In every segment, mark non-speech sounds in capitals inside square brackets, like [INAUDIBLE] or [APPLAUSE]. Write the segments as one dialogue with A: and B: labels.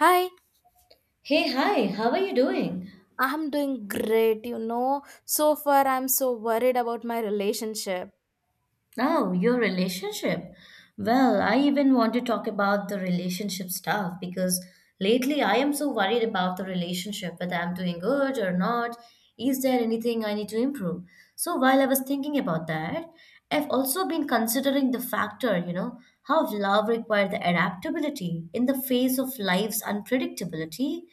A: Hi,
B: Hey, hi, how are you doing?
A: I'm doing great. So far I'm so worried about my relationship.
B: Oh, your relationship. Well, I even want to talk about the relationship stuff because lately I am so worried about the relationship, whether I'm doing good or not. Is there anything I need to improve? So while I was thinking about that, I've also been considering the factor, you know, how love requires the adaptability in the face of life's unpredictability.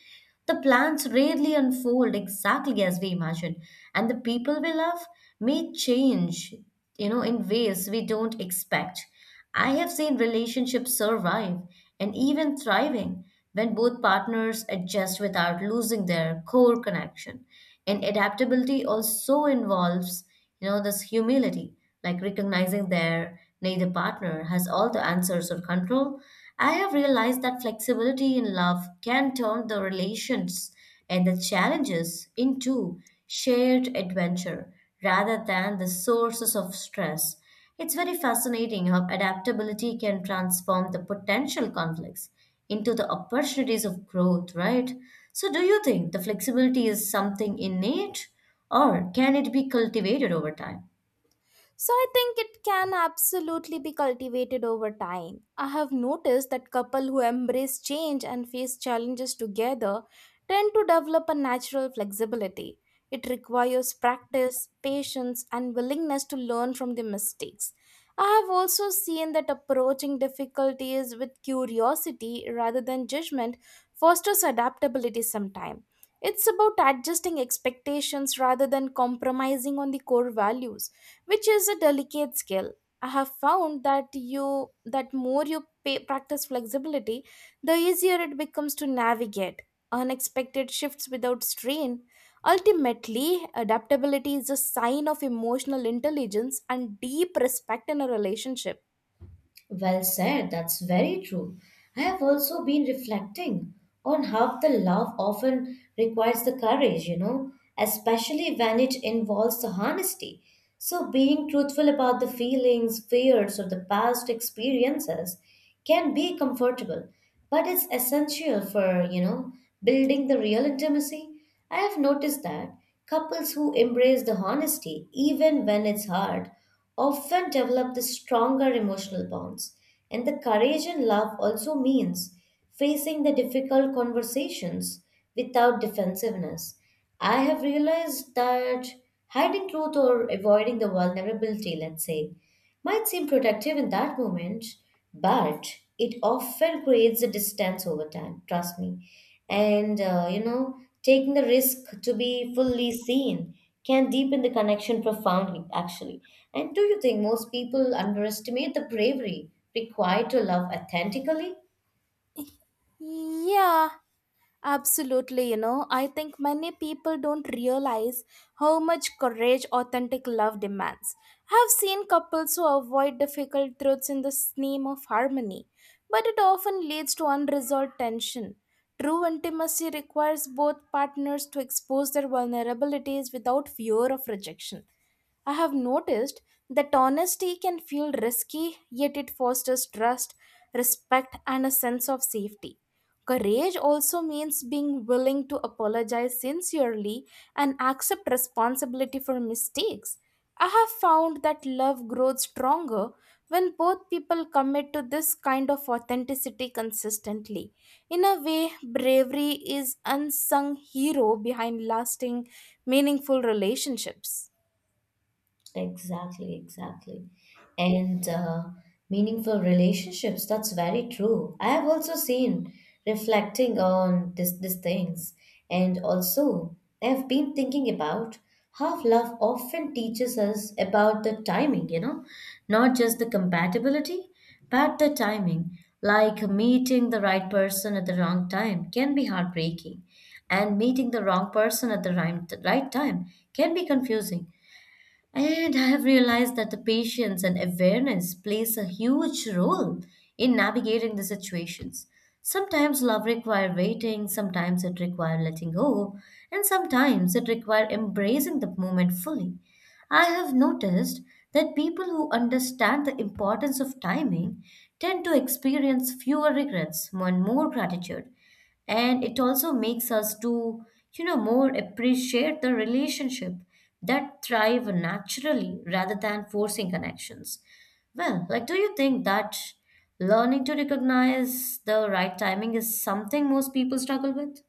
B: The plans rarely unfold exactly as we imagine, and the people we love may change, you know, in ways we don't expect. I have seen relationships survive and even thriving when both partners adjust without losing their core connection. And adaptability also involves you know, this humility, like recognizing their neither partner has all the answers or control. I have realized that flexibility in love can turn the relations and the challenges into shared adventure rather than the sources of stress. It's very fascinating how adaptability can transform the potential conflicts into the opportunities of growth, right? So, do you think the flexibility is something innate or can it be cultivated over time?
A: So I think it can absolutely be cultivated over time. I have noticed that couples who embrace change and face challenges together tend to develop a natural flexibility. It requires practice, patience, and willingness to learn from the mistakes. I have also seen that approaching difficulties with curiosity rather than judgment fosters adaptability sometimes. It's about adjusting expectations rather than compromising on the core values which is a delicate skill. I have found that you that more you practice flexibility, the easier it becomes to navigate unexpected shifts without strain. Ultimately, adaptability is a sign of emotional intelligence and deep respect in a relationship.
B: Well said, that's very true. I have also been reflecting on how the love often requires the courage, you know, especially when it involves the honesty. So, being truthful about the feelings, fears, or the past experiences can be comfortable, but it's essential for, you know, building the real intimacy. I have noticed that couples who embrace the honesty, even when it's hard, often develop the stronger emotional bonds. And the courage in love also means facing the difficult conversations without defensiveness. I have realized that hiding truth or avoiding the vulnerability, let's say, might seem productive in that moment, but it often creates a distance over time, trust me. And you know, taking the risk to be fully seen can deepen the connection profoundly, actually. And do you think most people underestimate the bravery required to love authentically?
A: Yeah, absolutely, I think many people don't realize how much courage authentic love demands. I've seen couples who avoid difficult truths in the name of harmony, but it often leads to unresolved tension. True intimacy requires both partners to expose their vulnerabilities without fear of rejection. I have noticed that honesty can feel risky, yet it fosters trust, respect, and a sense of safety. Courage also means being willing to apologize sincerely and accept responsibility for mistakes. I have found that love grows stronger when both people commit to this kind of authenticity consistently. In a way, bravery is unsung hero behind lasting, meaningful relationships.
B: Exactly, exactly. And meaningful relationships, that's very true. I have also seen reflecting on this, these things. And also, I have been thinking about how love often teaches us about the timing, you know, not just the compatibility, but the timing. Like meeting the right person at the wrong time can be heartbreaking, and meeting the wrong person at the right time can be confusing. And I have realized that the patience and awareness plays a huge role in navigating the situations. Sometimes love requires waiting, sometimes it requires letting go, and sometimes it requires embracing the moment fully. I have noticed that people who understand the importance of timing tend to experience fewer regrets and more gratitude, and it also makes us to, you know, more appreciate the relationship that thrive naturally rather than forcing connections. Well, like, do you think that learning to recognize the right timing is something most people struggle with?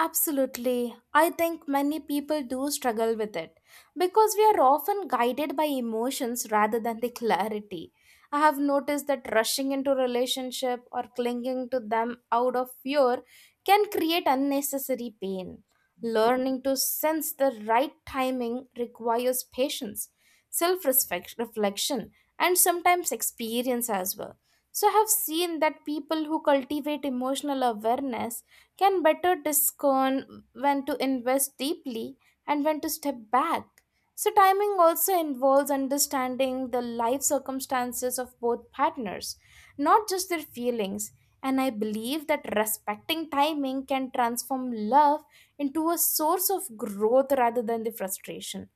A: Absolutely. I think many people do struggle with it because we are often guided by emotions rather than the clarity. I have noticed that rushing into relationship or clinging to them out of fear can create unnecessary pain. Learning to sense the right timing requires patience, self-respect, reflection, and sometimes experience as well. So I have seen that people who cultivate emotional awareness can better discern when to invest deeply and when to step back. So, timing also involves understanding the life circumstances of both partners, not just their feelings. And I believe that respecting timing can transform love into a source of growth rather than the frustration.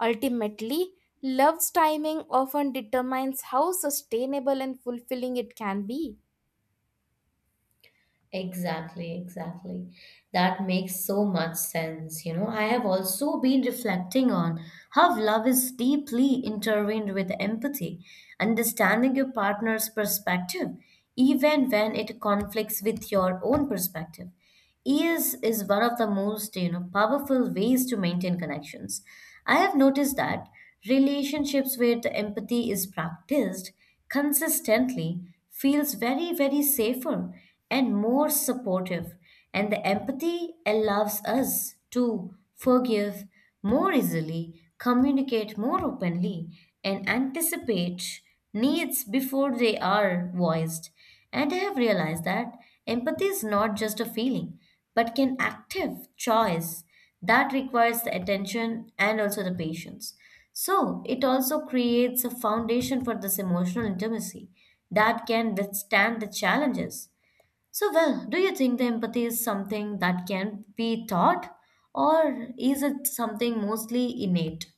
A: Ultimately, love's timing often determines how sustainable and fulfilling it can be.
B: Exactly, exactly. That makes so much sense. You know, I have also been reflecting on how love is deeply intertwined with empathy, understanding your partner's perspective, even when it conflicts with your own perspective. Is one of the most, you know, powerful ways to maintain connections. I have noticed that relationships where the empathy is practiced consistently feels very safer and more supportive, and the empathy allows us to forgive more easily, communicate more openly, and anticipate needs before they are voiced. And I have realized that empathy is not just a feeling, but can active choice that requires the attention and also the patience. So it also creates a foundation for this emotional intimacy that can withstand the challenges. So, well, do you think the empathy is something that can be taught, or is it something mostly innate?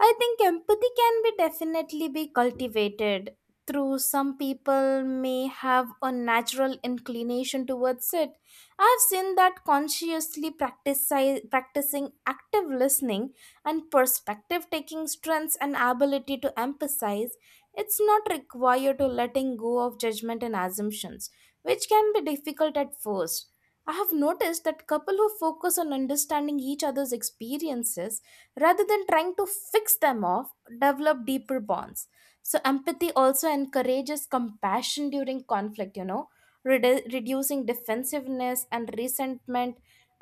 A: I think empathy can be definitely be cultivated through some people may have a natural inclination towards it. I've seen that practicing active listening and perspective taking strengths and ability to emphasize. It's not required to letting go of judgment and assumptions, which can be difficult at first. I have noticed that couple who focus on understanding each other's experiences rather than trying to fix them off develop deeper bonds. So empathy also encourages compassion during conflict, reducing defensiveness and resentment.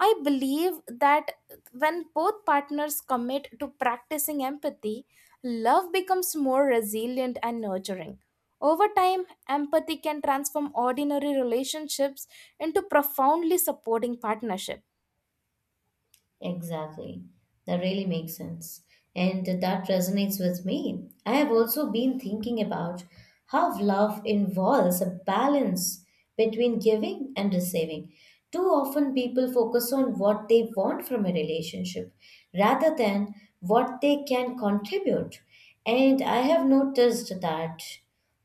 A: I believe that when both partners commit to practicing empathy, love becomes more resilient and nurturing. Over time empathy can transform ordinary relationships into profoundly supporting partnership.
B: Exactly. That really makes sense. And that resonates with me. I have also been thinking about how love involves a balance between giving and receiving. Too often, people focus on what they want from a relationship rather than what they can contribute. And I have noticed that.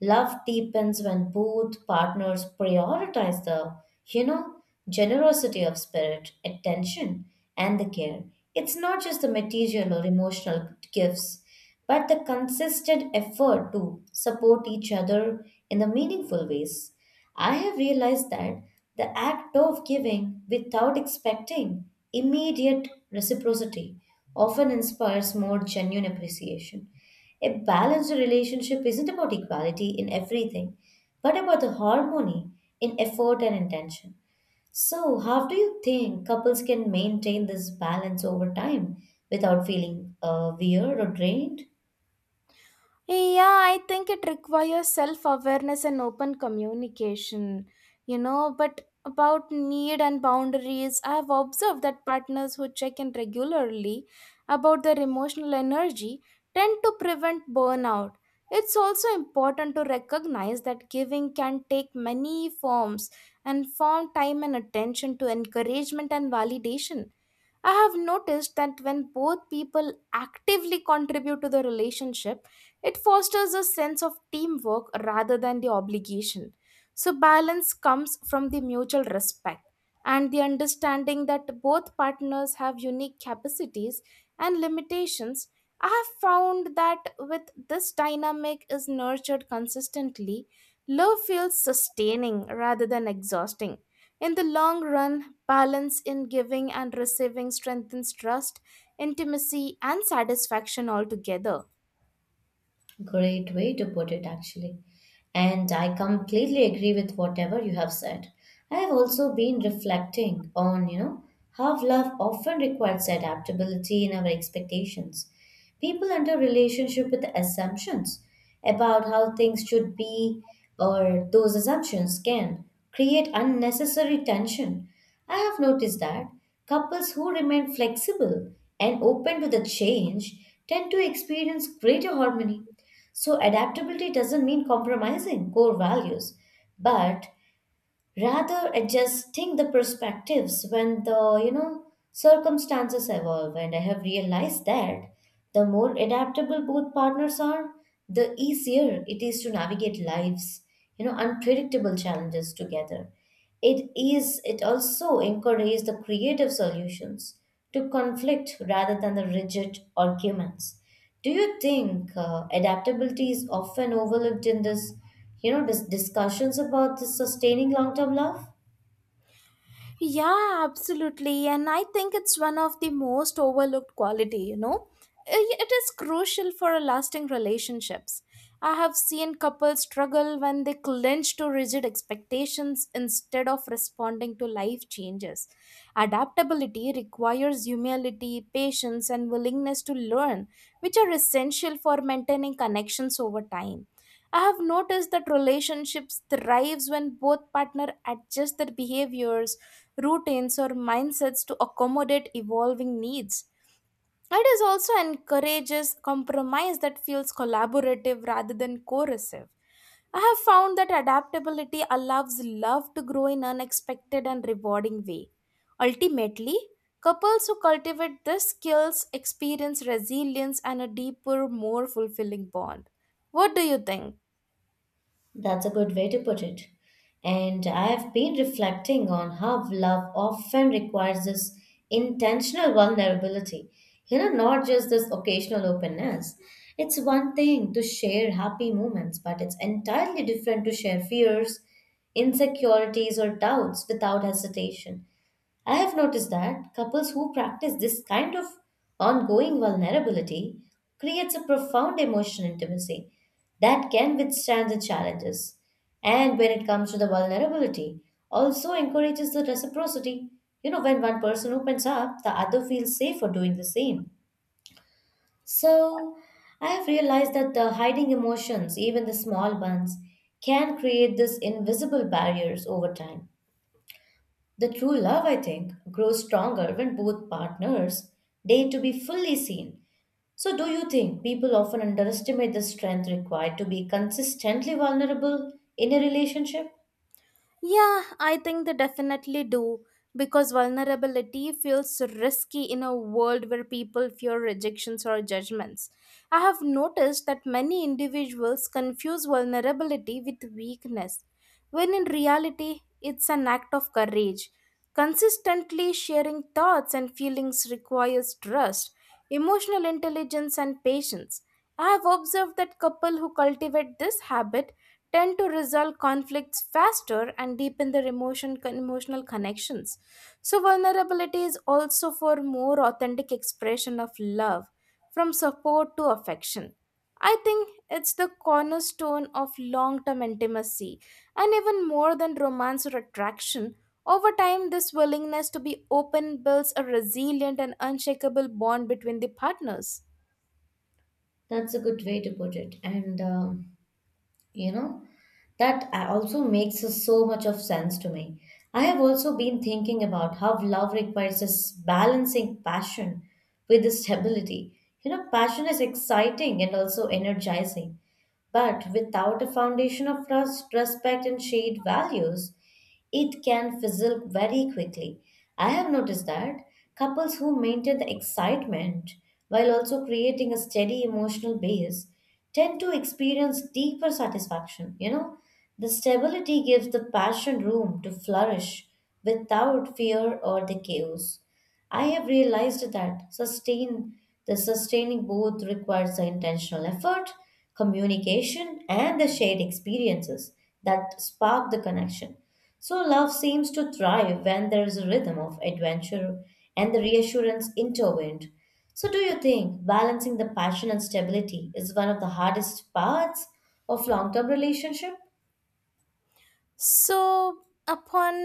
B: Love deepens when both partners prioritize the, you know, generosity of spirit, attention, and the care. It's not just the material or emotional gifts, but the consistent effort to support each other in the meaningful ways. I have realized that the act of giving without expecting immediate reciprocity often inspires more genuine appreciation. A balanced relationship isn't about equality in everything, but about the harmony in effort and intention. So, how do you think couples can maintain this balance over time without feeling weird or drained?
A: Yeah, I think it requires self awareness and open communication, But about need and boundaries, I have observed that partners who check in regularly about their emotional energy tend to prevent burnout. It's also important to recognize that giving can take many forms and form time and attention to encouragement and validation. I have noticed that when both people actively contribute to the relationship, it fosters a sense of teamwork rather than the obligation. So, balance comes from the mutual respect and the understanding that both partners have unique capacities and limitations. I have found that with this dynamic is nurtured consistently, love feels sustaining rather than exhausting. In the long run, balance in giving and receiving strengthens trust, intimacy, and satisfaction altogether.
B: Great way to put it, actually. And I completely agree with whatever you have said. I have also been reflecting on, you know, how love often requires adaptability in our expectations. People enter relationship with assumptions about how things should be, or those assumptions can create unnecessary tension. I have noticed that couples who remain flexible and open to the change tend to experience greater harmony. So, adaptability doesn't mean compromising core values, but rather adjusting the perspectives when the, you know, circumstances evolve. And I have realized that the more adaptable both partners are, the easier it is to navigate life's, you know, unpredictable challenges together. It is it also encourages the creative solutions to conflict rather than the rigid arguments. Do you think adaptability is often overlooked in this, you know, discussions about the sustaining long-term love?
A: Yeah, absolutely. And I think it's one of the most overlooked quality, I- It is crucial for a lasting relationships. I have seen couples struggle when they clinch to rigid expectations instead of responding to life changes. Adaptability requires humility, patience, and willingness to learn, which are essential for maintaining connections over time. I have noticed that relationships thrives when both partner adjust their behaviors, routines, or mindsets to accommodate evolving needs. It is also encourages compromise that feels collaborative rather than coercive. I have found that adaptability allows love to grow in unexpected and rewarding way. Ultimately, couples who cultivate these skills experience resilience and a deeper, more fulfilling bond. What do you think?
B: That's a good way to put it. And I have been reflecting on how love often requires this intentional vulnerability, you know, not just this occasional openness. It's one thing to share happy moments, but it's entirely different to share fears, insecurities, or doubts without hesitation. I have noticed that couples who practice this kind of ongoing vulnerability creates a profound emotional intimacy that can withstand the challenges. And when it comes to the vulnerability, also encourages the reciprocity. You know, when one person opens up, the other feels safe for doing the same. So, I have realized that the hiding emotions, even the small ones, can create these invisible barriers over time. The true love, I think, grows stronger when both partners dare to be fully seen. So, do you think people often underestimate the strength required to be consistently vulnerable in a relationship?
A: Yeah, I think they definitely do because vulnerability feels risky in a world where people fear rejections or judgments. I have noticed that many individuals confuse vulnerability with weakness, when in reality, it's an act of courage. Consistently sharing thoughts and feelings requires trust, emotional intelligence, and patience. I have observed that couples who cultivate this habit tend to resolve conflicts faster and deepen their emotional connections. So, vulnerability is also for more authentic expression of love, from support to affection. I think it's the cornerstone of long term intimacy, and even more than romance or attraction. Over time, this willingness to be open builds a resilient and unshakable bond between the partners.
B: That's a good way to put it. And you know, that also makes so much of sense to me. I have also been thinking about how love requires this balancing passion with the stability. You know, passion is exciting and also energizing. But without a foundation of trust, respect, and shared values, it can fizzle very quickly. I have noticed that couples who maintain the excitement while also creating a steady emotional base tend to experience deeper satisfaction. You know, the stability gives the passion room to flourish without fear or the chaos. I have realized that sustaining both requires the intentional effort, communication, and the shared experiences that spark the connection. So love seems to thrive when there is a rhythm of adventure and the reassurance intertwined. So do you think balancing the passion and stability is one of the hardest parts of long-term relationship?
A: So, upon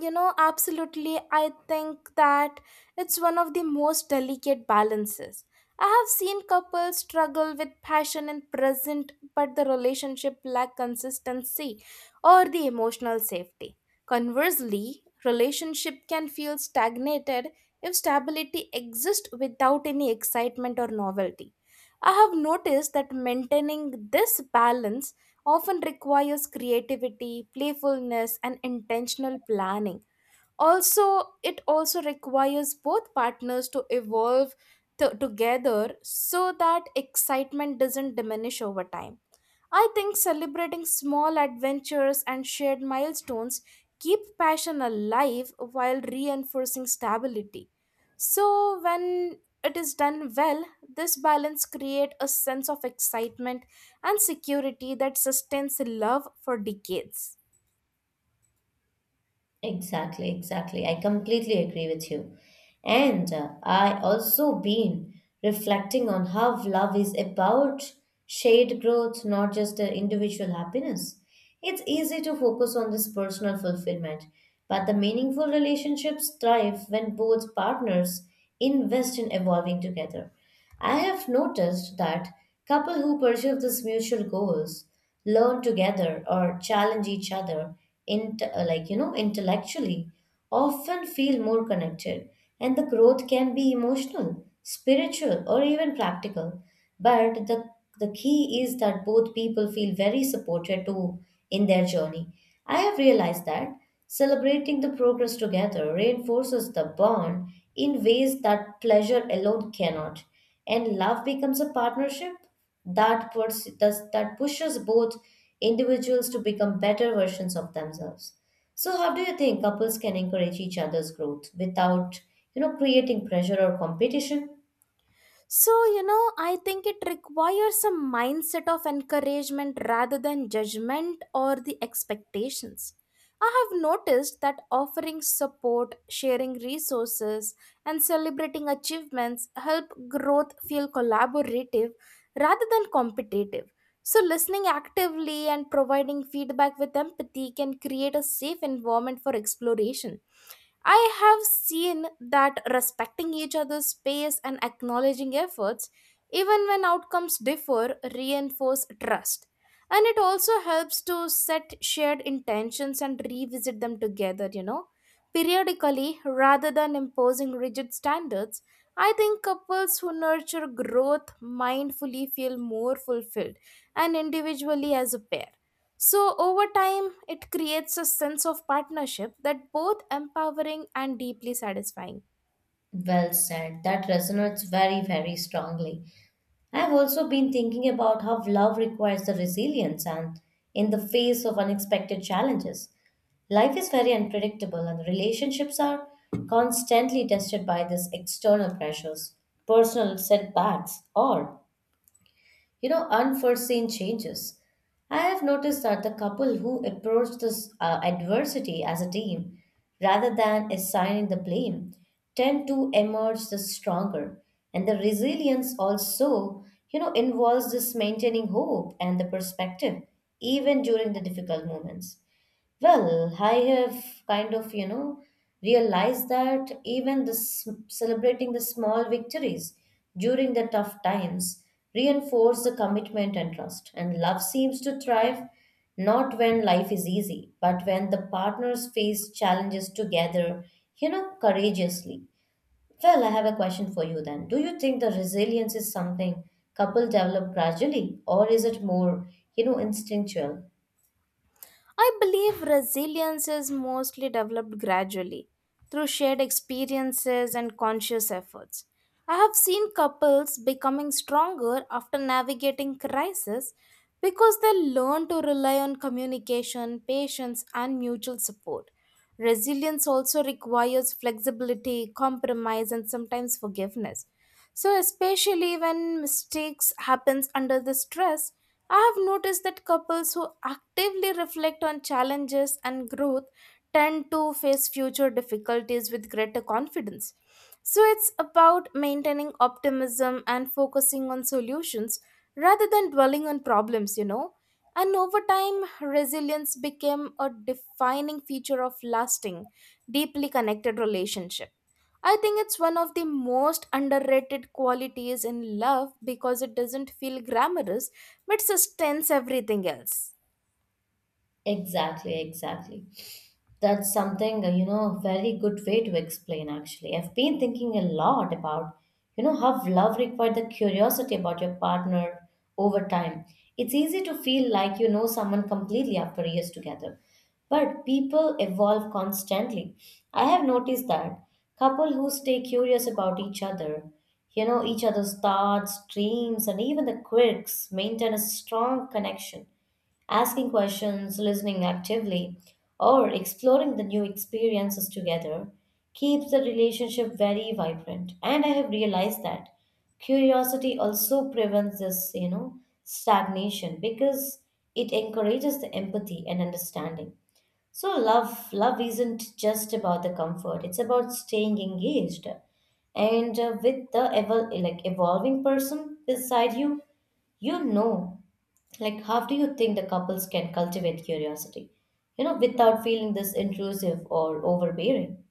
A: Absolutely. I think that it's one of the most delicate balances. I have seen couples struggle with passion and present, but the relationship lack consistency or the emotional safety. Conversely, relationship can feel stagnated if stability exists without any excitement or novelty. I have noticed that maintaining this balance often requires creativity, playfulness, and intentional planning. It also requires both partners to evolve together so that excitement doesn't diminish over time. I think celebrating small adventures and shared milestones keep passion alive while reinforcing stability. So when it is done well, this balance creates a sense of excitement and security that sustains love for decades.
B: Exactly, exactly. I completely agree with you. And I also been reflecting on how love is about shared growth, not just the individual happiness. It's easy to focus on this personal fulfillment, but the meaningful relationships thrive when both partners invest in evolving together. I have noticed that couples who pursue these mutual goals learn together or challenge each other in, like, you know, intellectually, often feel more connected, and the growth can be emotional, spiritual, or even practical. But the key is that both people feel very supported too in their journey. I have realized that celebrating the progress together reinforces the bond in ways that pleasure alone cannot, and love becomes a partnership that pushes both individuals to become better versions of themselves. So how do you think couples can encourage each other's growth without, you know, creating pressure or competition?
A: So, I think it requires a mindset of encouragement rather than judgment or the expectations. I have noticed that offering support, sharing resources, and celebrating achievements help growth feel collaborative rather than competitive. So, listening actively and providing feedback with empathy can create a safe environment for exploration. I have seen that respecting each other's space and acknowledging efforts, even when outcomes differ, reinforce trust. And it also helps to set shared intentions and revisit them together, Periodically, rather than imposing rigid standards, I think couples who nurture growth mindfully feel more fulfilled and individually as a pair. So, over time, it creates a sense of partnership that both empowering and deeply satisfying.
B: Well said, that resonates very strongly. I've also been thinking about how love requires the resilience and in the face of unexpected challenges. Life is very unpredictable, and relationships are constantly tested by these external pressures, personal setbacks, or, you know, unforeseen changes. I have noticed that the couple who approach this adversity as a team rather than assigning the blame tend to emerge the stronger. And the resilience also, you know, involves this maintaining hope and the perspective even during the difficult moments. Well, I have kind of, you know, realized that even the celebrating the small victories during the tough times reinforce the commitment and trust. And love seems to thrive not when life is easy, but when the partners face challenges together, you know, courageously. Well, I have a question for you then. Do you think the resilience is something couple develop gradually, or is it more, you know, instinctual?
A: I believe resilience is mostly developed gradually through shared experiences and conscious efforts. I have seen couples becoming stronger after navigating crisis because they learn to rely on communication, patience, and mutual support. Resilience also requires flexibility, compromise, and sometimes forgiveness. So, especially when mistakes happens under the stress, I have noticed that couples who actively reflect on challenges and growth tend to face future difficulties with greater confidence. So it's about maintaining optimism and focusing on solutions rather than dwelling on problems, And over time, resilience became a defining feature of lasting, deeply connected relationship. I think it's one of the most underrated qualities in love because it doesn't feel glamorous which sustains everything else.
B: Exactly, exactly. That's something, very good way to explain actually. I've been thinking a lot about, how love required the curiosity about your partner over time. It's easy to feel like you know someone completely after years together. But people evolve constantly. I have noticed that couple who stay curious about each other, you know, each other's thoughts, dreams, and even the quirks maintain a strong connection asking questions, listening actively, or exploring the new experiences together keeps the relationship very vibrant. And I have realized that curiosity also prevents this, stagnation because it encourages the empathy and understanding. So love isn't just about the comfort. It's about staying engaged and with the evolving person beside you, you know, like how do you think the couples can cultivate curiosity? You know, without feeling this intrusive or overbearing.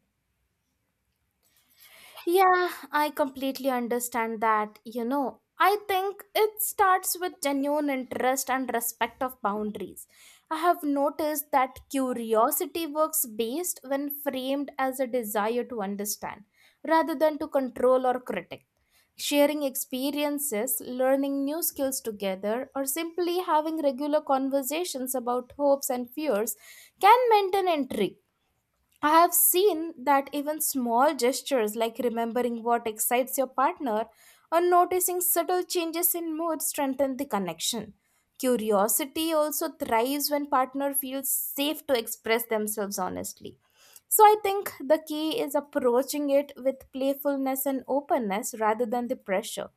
A: Yeah, I completely understand that. You know, I think it starts with genuine interest and respect of boundaries. I have noticed that curiosity works best when framed as a desire to understand rather than to control or critic. Sharing experiences, learning new skills together, or simply having regular conversations about hopes and fears can maintain intrigue. I have seen that even small gestures like remembering what excites your partner or noticing subtle changes in mood strengthen the connection. Curiosity also thrives when partner feels safe to express themselves honestly. So I think the key is approaching it with playfulness and openness rather than the pressure.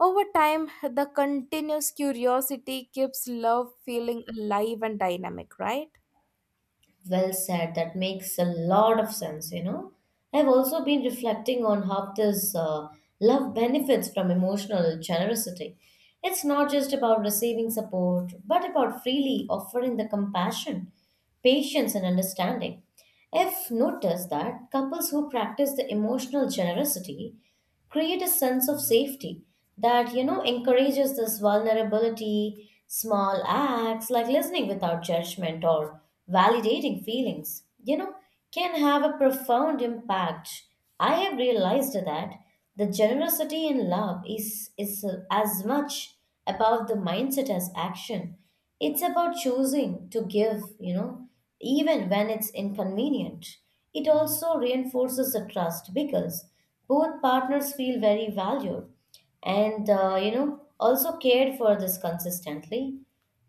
A: Over time, the continuous curiosity keeps love feeling alive and dynamic, right?
B: Well said. That makes a lot of sense, you know. I've also been reflecting on how this love benefits from emotional generosity. It's not just about receiving support, but about freely offering the compassion, patience, and understanding. I've noticed that couples who practice the emotional generosity create a sense of safety that you know encourages this vulnerability, small acts like listening without judgment or validating feelings, you know, can have a profound impact. I have realized that the generosity in love is as much about the mindset as action. It's about choosing to give, you know, even when it's inconvenient. It also reinforces the trust because both partners feel very valued and, you know, also cared for this consistently.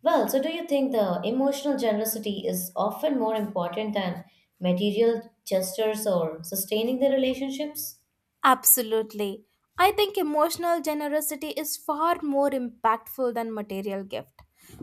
B: Well, so do you think the emotional generosity is often more important than material gestures or sustaining the relationships?
A: Absolutely. I think emotional generosity is far more impactful than material gift.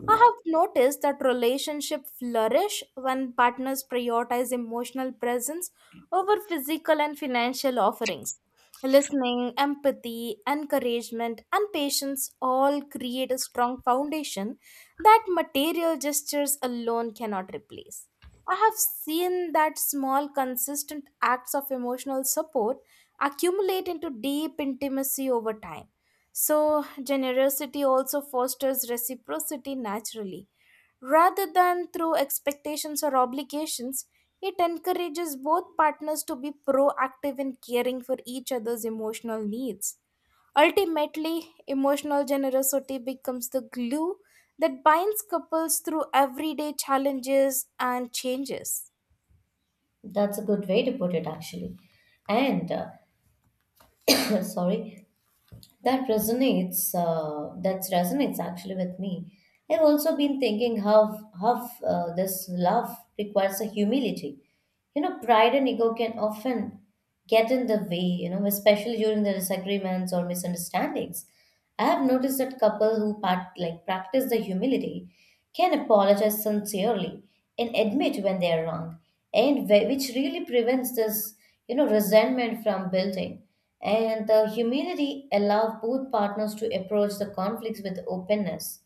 A: I have noticed that relationships flourish when partners prioritize emotional presence over physical and financial offerings. Listening, empathy, encouragement, and patience all create a strong foundation that material gestures alone cannot replace. I have seen that small, consistent acts of emotional support accumulate into deep intimacy over time. So, generosity also fosters reciprocity naturally. Rather than through expectations or obligations, it encourages both partners to be proactive in caring for each other's emotional needs. Ultimately, emotional generosity becomes the glue that binds couples through everyday challenges and changes.
B: That's a good way to put it, actually. And, [COUGHS] sorry. That resonates. That resonates actually with me. I've also been thinking how this love requires a humility. You know, pride and ego can often get in the way. You know, especially during the disagreements or misunderstandings. I have noticed that couple who part, like practice the humility can apologize sincerely and admit when they are wrong, and which really prevents this you know resentment from building. And the humility allow both partners to approach the conflicts with openness,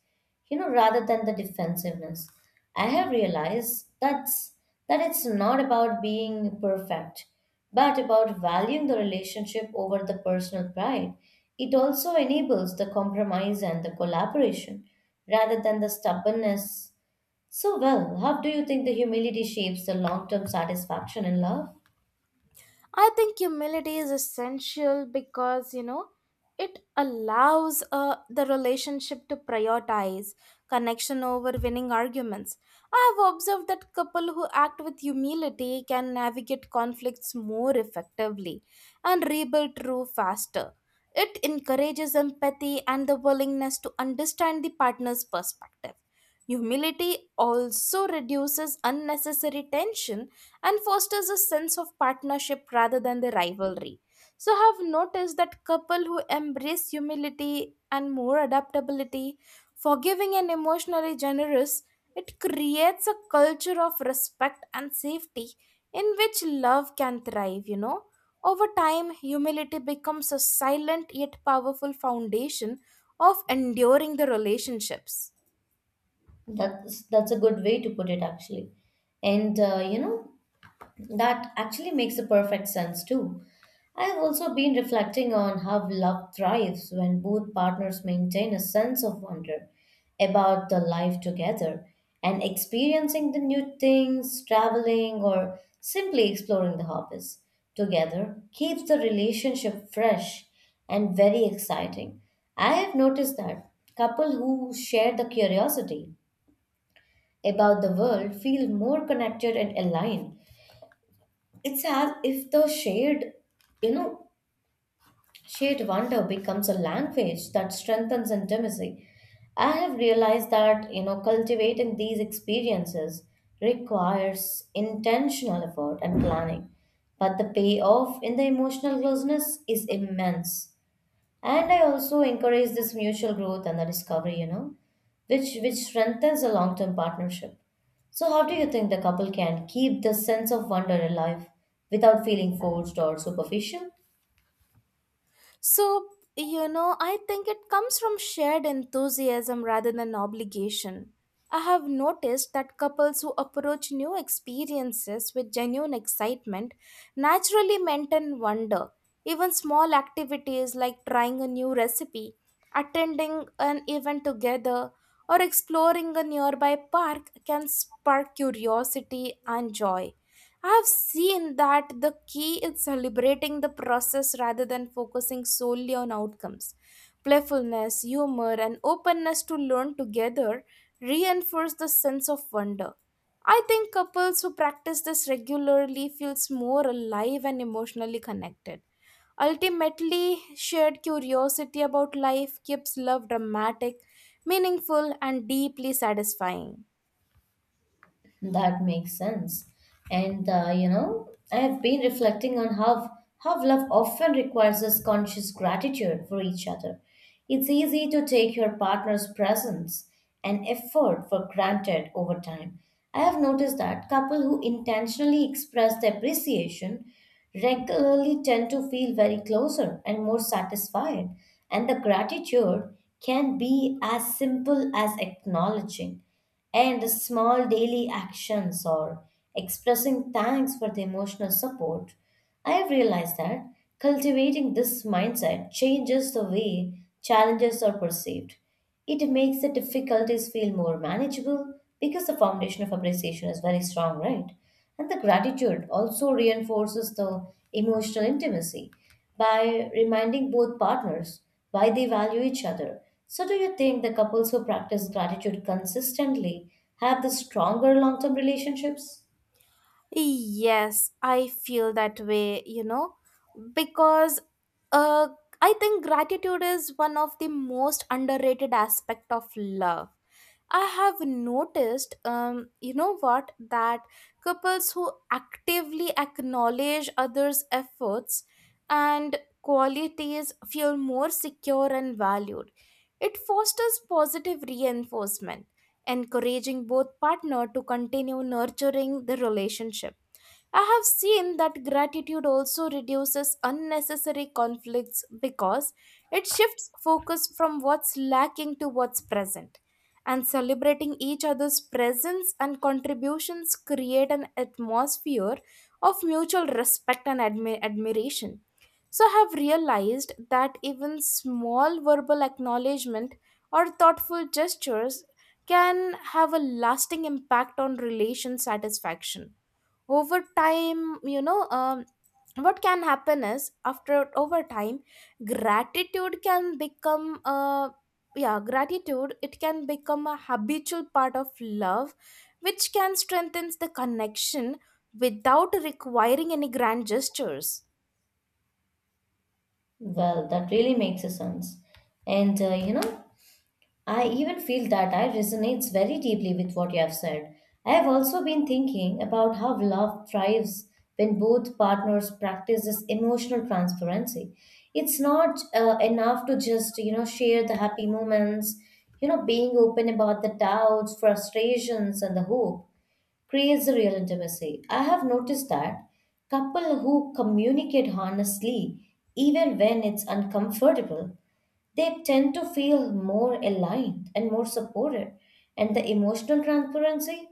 B: you know, rather than the defensiveness. I have realized that it's not about being perfect, but about valuing the relationship over the personal pride. It also enables the compromise and the collaboration rather than the stubbornness. So well, how do you think the humility shapes the long-term satisfaction in love?
A: I think humility is essential because it allows the relationship to prioritize connection over winning arguments. I have observed that couple who act with humility can navigate conflicts more effectively and rebuild true faster. It encourages empathy and the willingness to understand the partner's perspective. Humility also reduces unnecessary tension and fosters a sense of partnership rather than the rivalry. So, I have noticed that couple who embrace humility and more adaptability, forgiving and emotionally generous, it creates a culture of respect and safety in which love can thrive, Over time, humility becomes a silent yet powerful foundation of enduring the relationships.
B: That's a good way to put it actually. And you know, that actually makes a perfect sense too. I've also been reflecting on how love thrives when both partners maintain a sense of wonder about the life together and experiencing the new things, traveling, or simply exploring the hobbies together keeps the relationship fresh and very exciting. I have noticed that couple who share the curiosity about the world feel more connected and aligned. It's as if the you know, shared wonder becomes a language that strengthens intimacy. I have realized that, you know, cultivating these experiences requires intentional effort and planning, but the payoff in the emotional closeness is immense, and I also encourage this mutual growth and the discovery, you know, which strengthens a long term partnership. So how do you think the couple can keep the sense of wonder alive without feeling forced or superficial?
A: So, I think it comes from shared enthusiasm rather than obligation. I have noticed that couples who approach new experiences with genuine excitement naturally maintain wonder. Even small activities like trying a new recipe, attending an event together, or exploring a nearby park can spark curiosity and joy. I've seen that the key is celebrating the process rather than focusing solely on outcomes. Playfulness, humor, and openness to learn together reinforce the sense of wonder. I think couples who practice this regularly feels more alive and emotionally connected. Ultimately, shared curiosity about life keeps love dramatic, meaningful, and deeply satisfying.
B: That makes sense. And you know, I have been reflecting on how love often requires this conscious gratitude for each other. It's easy to take your partner's presence and effort for granted over time. I have noticed that couples who intentionally express their appreciation regularly tend to feel very closer and more satisfied. And the gratitude can be as simple as acknowledging. And small daily actions or expressing thanks for the emotional support, I've realized that cultivating this mindset changes the way challenges are perceived. It makes the difficulties feel more manageable because the foundation of appreciation is very strong, right? And the gratitude also reinforces the emotional intimacy by reminding both partners why they value each other. So, do you think the couples who practice gratitude consistently have the stronger long term relationships?
A: Yes, I feel that way, you know, because uh, I think gratitude is one of the most underrated aspect of love. I have noticed, that couples who actively acknowledge others' efforts and qualities feel more secure and valued. It fosters positive reinforcement, encouraging both partner to continue nurturing the relationship. I have seen that gratitude also reduces unnecessary conflicts because it shifts focus from what's lacking to what's present. And celebrating each other's presence and contributions create an atmosphere of mutual respect and admiration. So I have realized that even small verbal acknowledgement or thoughtful gestures can have a lasting impact on relation satisfaction over time. What can happen is after over time gratitude can become a yeah gratitude it can become a habitual part of love, which can strengthen the connection without requiring any grand gestures.
B: Well, that really makes a sense. And you know, I even feel that I resonates very deeply with what you have said. I have also been thinking about how love thrives when both partners practice this emotional transparency. It's not enough to just you know share the happy moments. You know, being open about the doubts, frustrations, and the hope creates a real intimacy. I have noticed that couple who communicate honestly, even when it's uncomfortable, they tend to feel more aligned and more supported. And the emotional transparency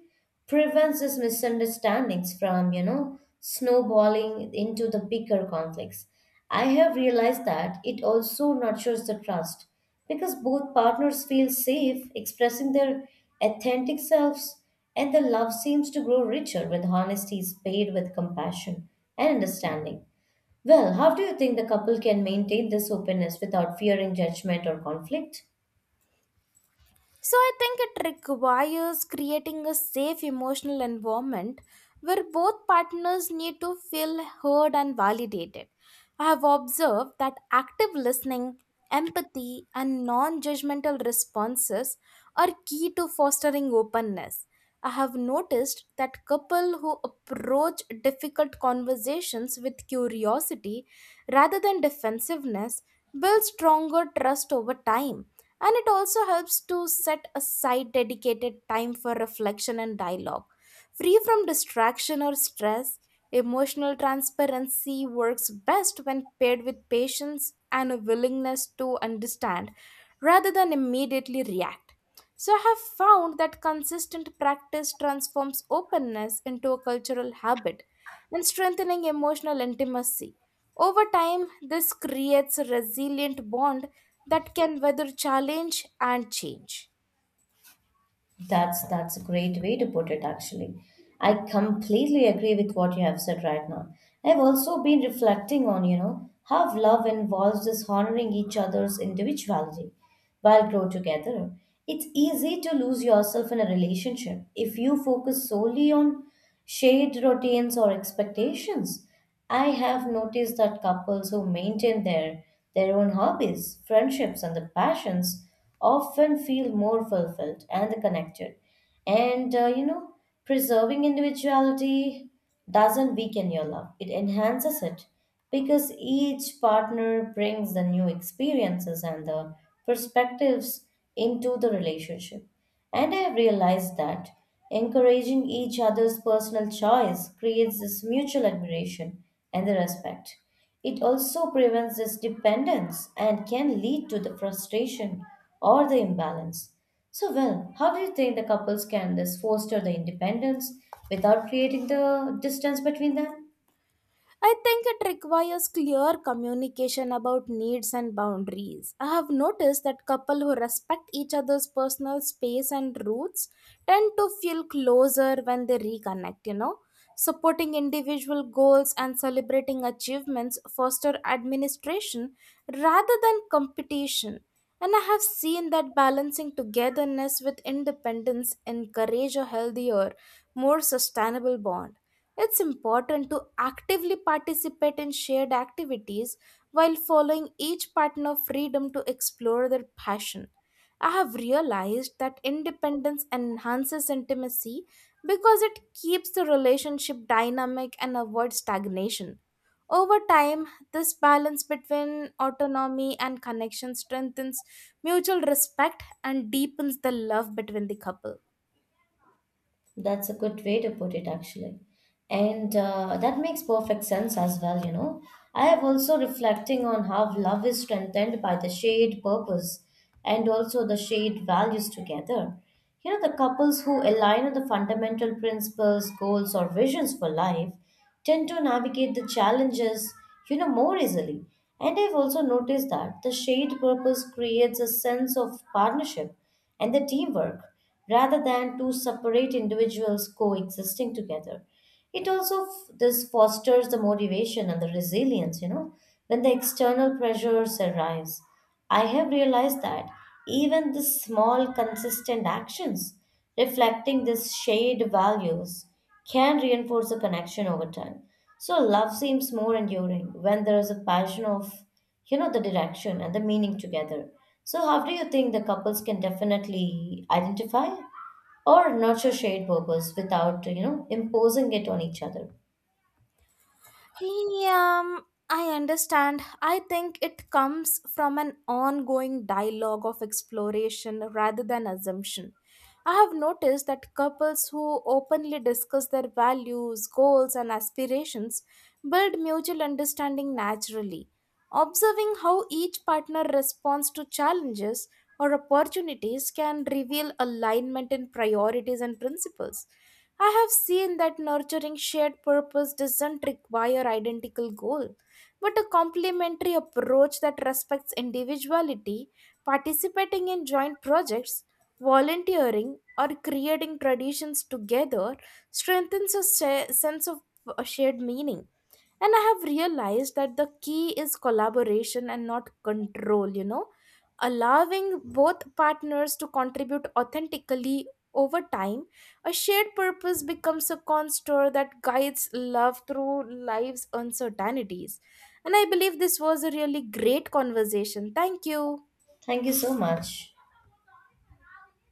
B: prevents these misunderstandings from, you know, snowballing into the bigger conflicts. I have realized that it also nurtures the trust because both partners feel safe expressing their authentic selves, and the love seems to grow richer when honesty is paired with compassion and understanding. Well, how do you think the couple can maintain this openness without fearing judgment or conflict?
A: So I think it requires creating a safe emotional environment where both partners need to feel heard and validated. I have observed that active listening, empathy, and non judgmental responses are key to fostering openness. I have noticed that couples who approach difficult conversations with curiosity rather than defensiveness build stronger trust over time, and it also helps to set aside dedicated time for reflection and dialogue. Free from distraction or stress, emotional transparency works best when paired with patience and a willingness to understand rather than immediately react. So, I have found that consistent practice transforms openness into a cultural habit and strengthening emotional intimacy. Over time, this creates a resilient bond that can weather challenge and change.
B: That's a great way to put it actually. I completely agree with what you have said right now. I've also been reflecting on, you know, how love involves dishonoring each other's individuality while grow together. It's easy to lose yourself in a relationship if you focus solely on shared routines or expectations. I have noticed that couples who maintain their own hobbies, friendships, and the passions often feel more fulfilled and connected. And you know, preserving individuality doesn't weaken your love, it enhances it because each partner brings the new experiences and the perspectives into the relationship. And I have realized that encouraging each other's personal choice creates this mutual admiration and the respect. It also prevents this dependence and can lead to the frustration or the imbalance. So, well, how do you think the couples can this foster the independence without creating the distance between them?
A: I think it requires clear communication about needs and boundaries. I have noticed that couples who respect each other's personal space and roots tend to feel closer when they reconnect, you know. Supporting individual goals and celebrating achievements foster administration rather than competition. And I have seen that balancing togetherness with independence encourage a healthier, more sustainable bond. It's important to actively participate in shared activities while following each partner freedom to explore their passion. I have realized that independence enhances intimacy because it keeps the relationship dynamic and avoids stagnation. Over time, this balance between autonomy and connection strengthens mutual respect and deepens the love between the couple.
B: That's a good way to put it, actually. And that makes perfect sense as well, you know. I have also reflecting on how love is strengthened by the shared purpose and also the shared values together. You know, the couples who align on the fundamental principles, goals, or visions for life tend to navigate the challenges, you know, more easily. And I've also noticed that the shared purpose creates a sense of partnership and the teamwork rather than two separate individuals coexisting together. It also this fosters the motivation and the resilience, you know, when the external pressures arise. I have realized that even the small consistent actions reflecting this shared values can reinforce a connection over time. So love seems more enduring when there is a passion of, you know, the direction and the meaning together. So how do you think the couples can definitely identify or nurture shared purpose without, you know, imposing it on each other?
A: Yeah, I understand. I think it comes from an ongoing dialogue of exploration rather than assumption. I have noticed that couples who openly discuss their values, goals, and aspirations build mutual understanding naturally. Observing how each partner responds to challenges or opportunities can reveal alignment in priorities and principles. I have seen that nurturing shared purpose doesn't require identical goal, but a complementary approach that respects individuality, participating in joint projects, volunteering, or creating traditions together strengthens a sense of shared meaning. And I have realized that the key is collaboration and not control, you know, allowing both partners to contribute authentically. Over time, a shared purpose becomes a constant that guides love through life's uncertainties, and I believe this was a really great conversation. Thank you.
B: Thank you so much.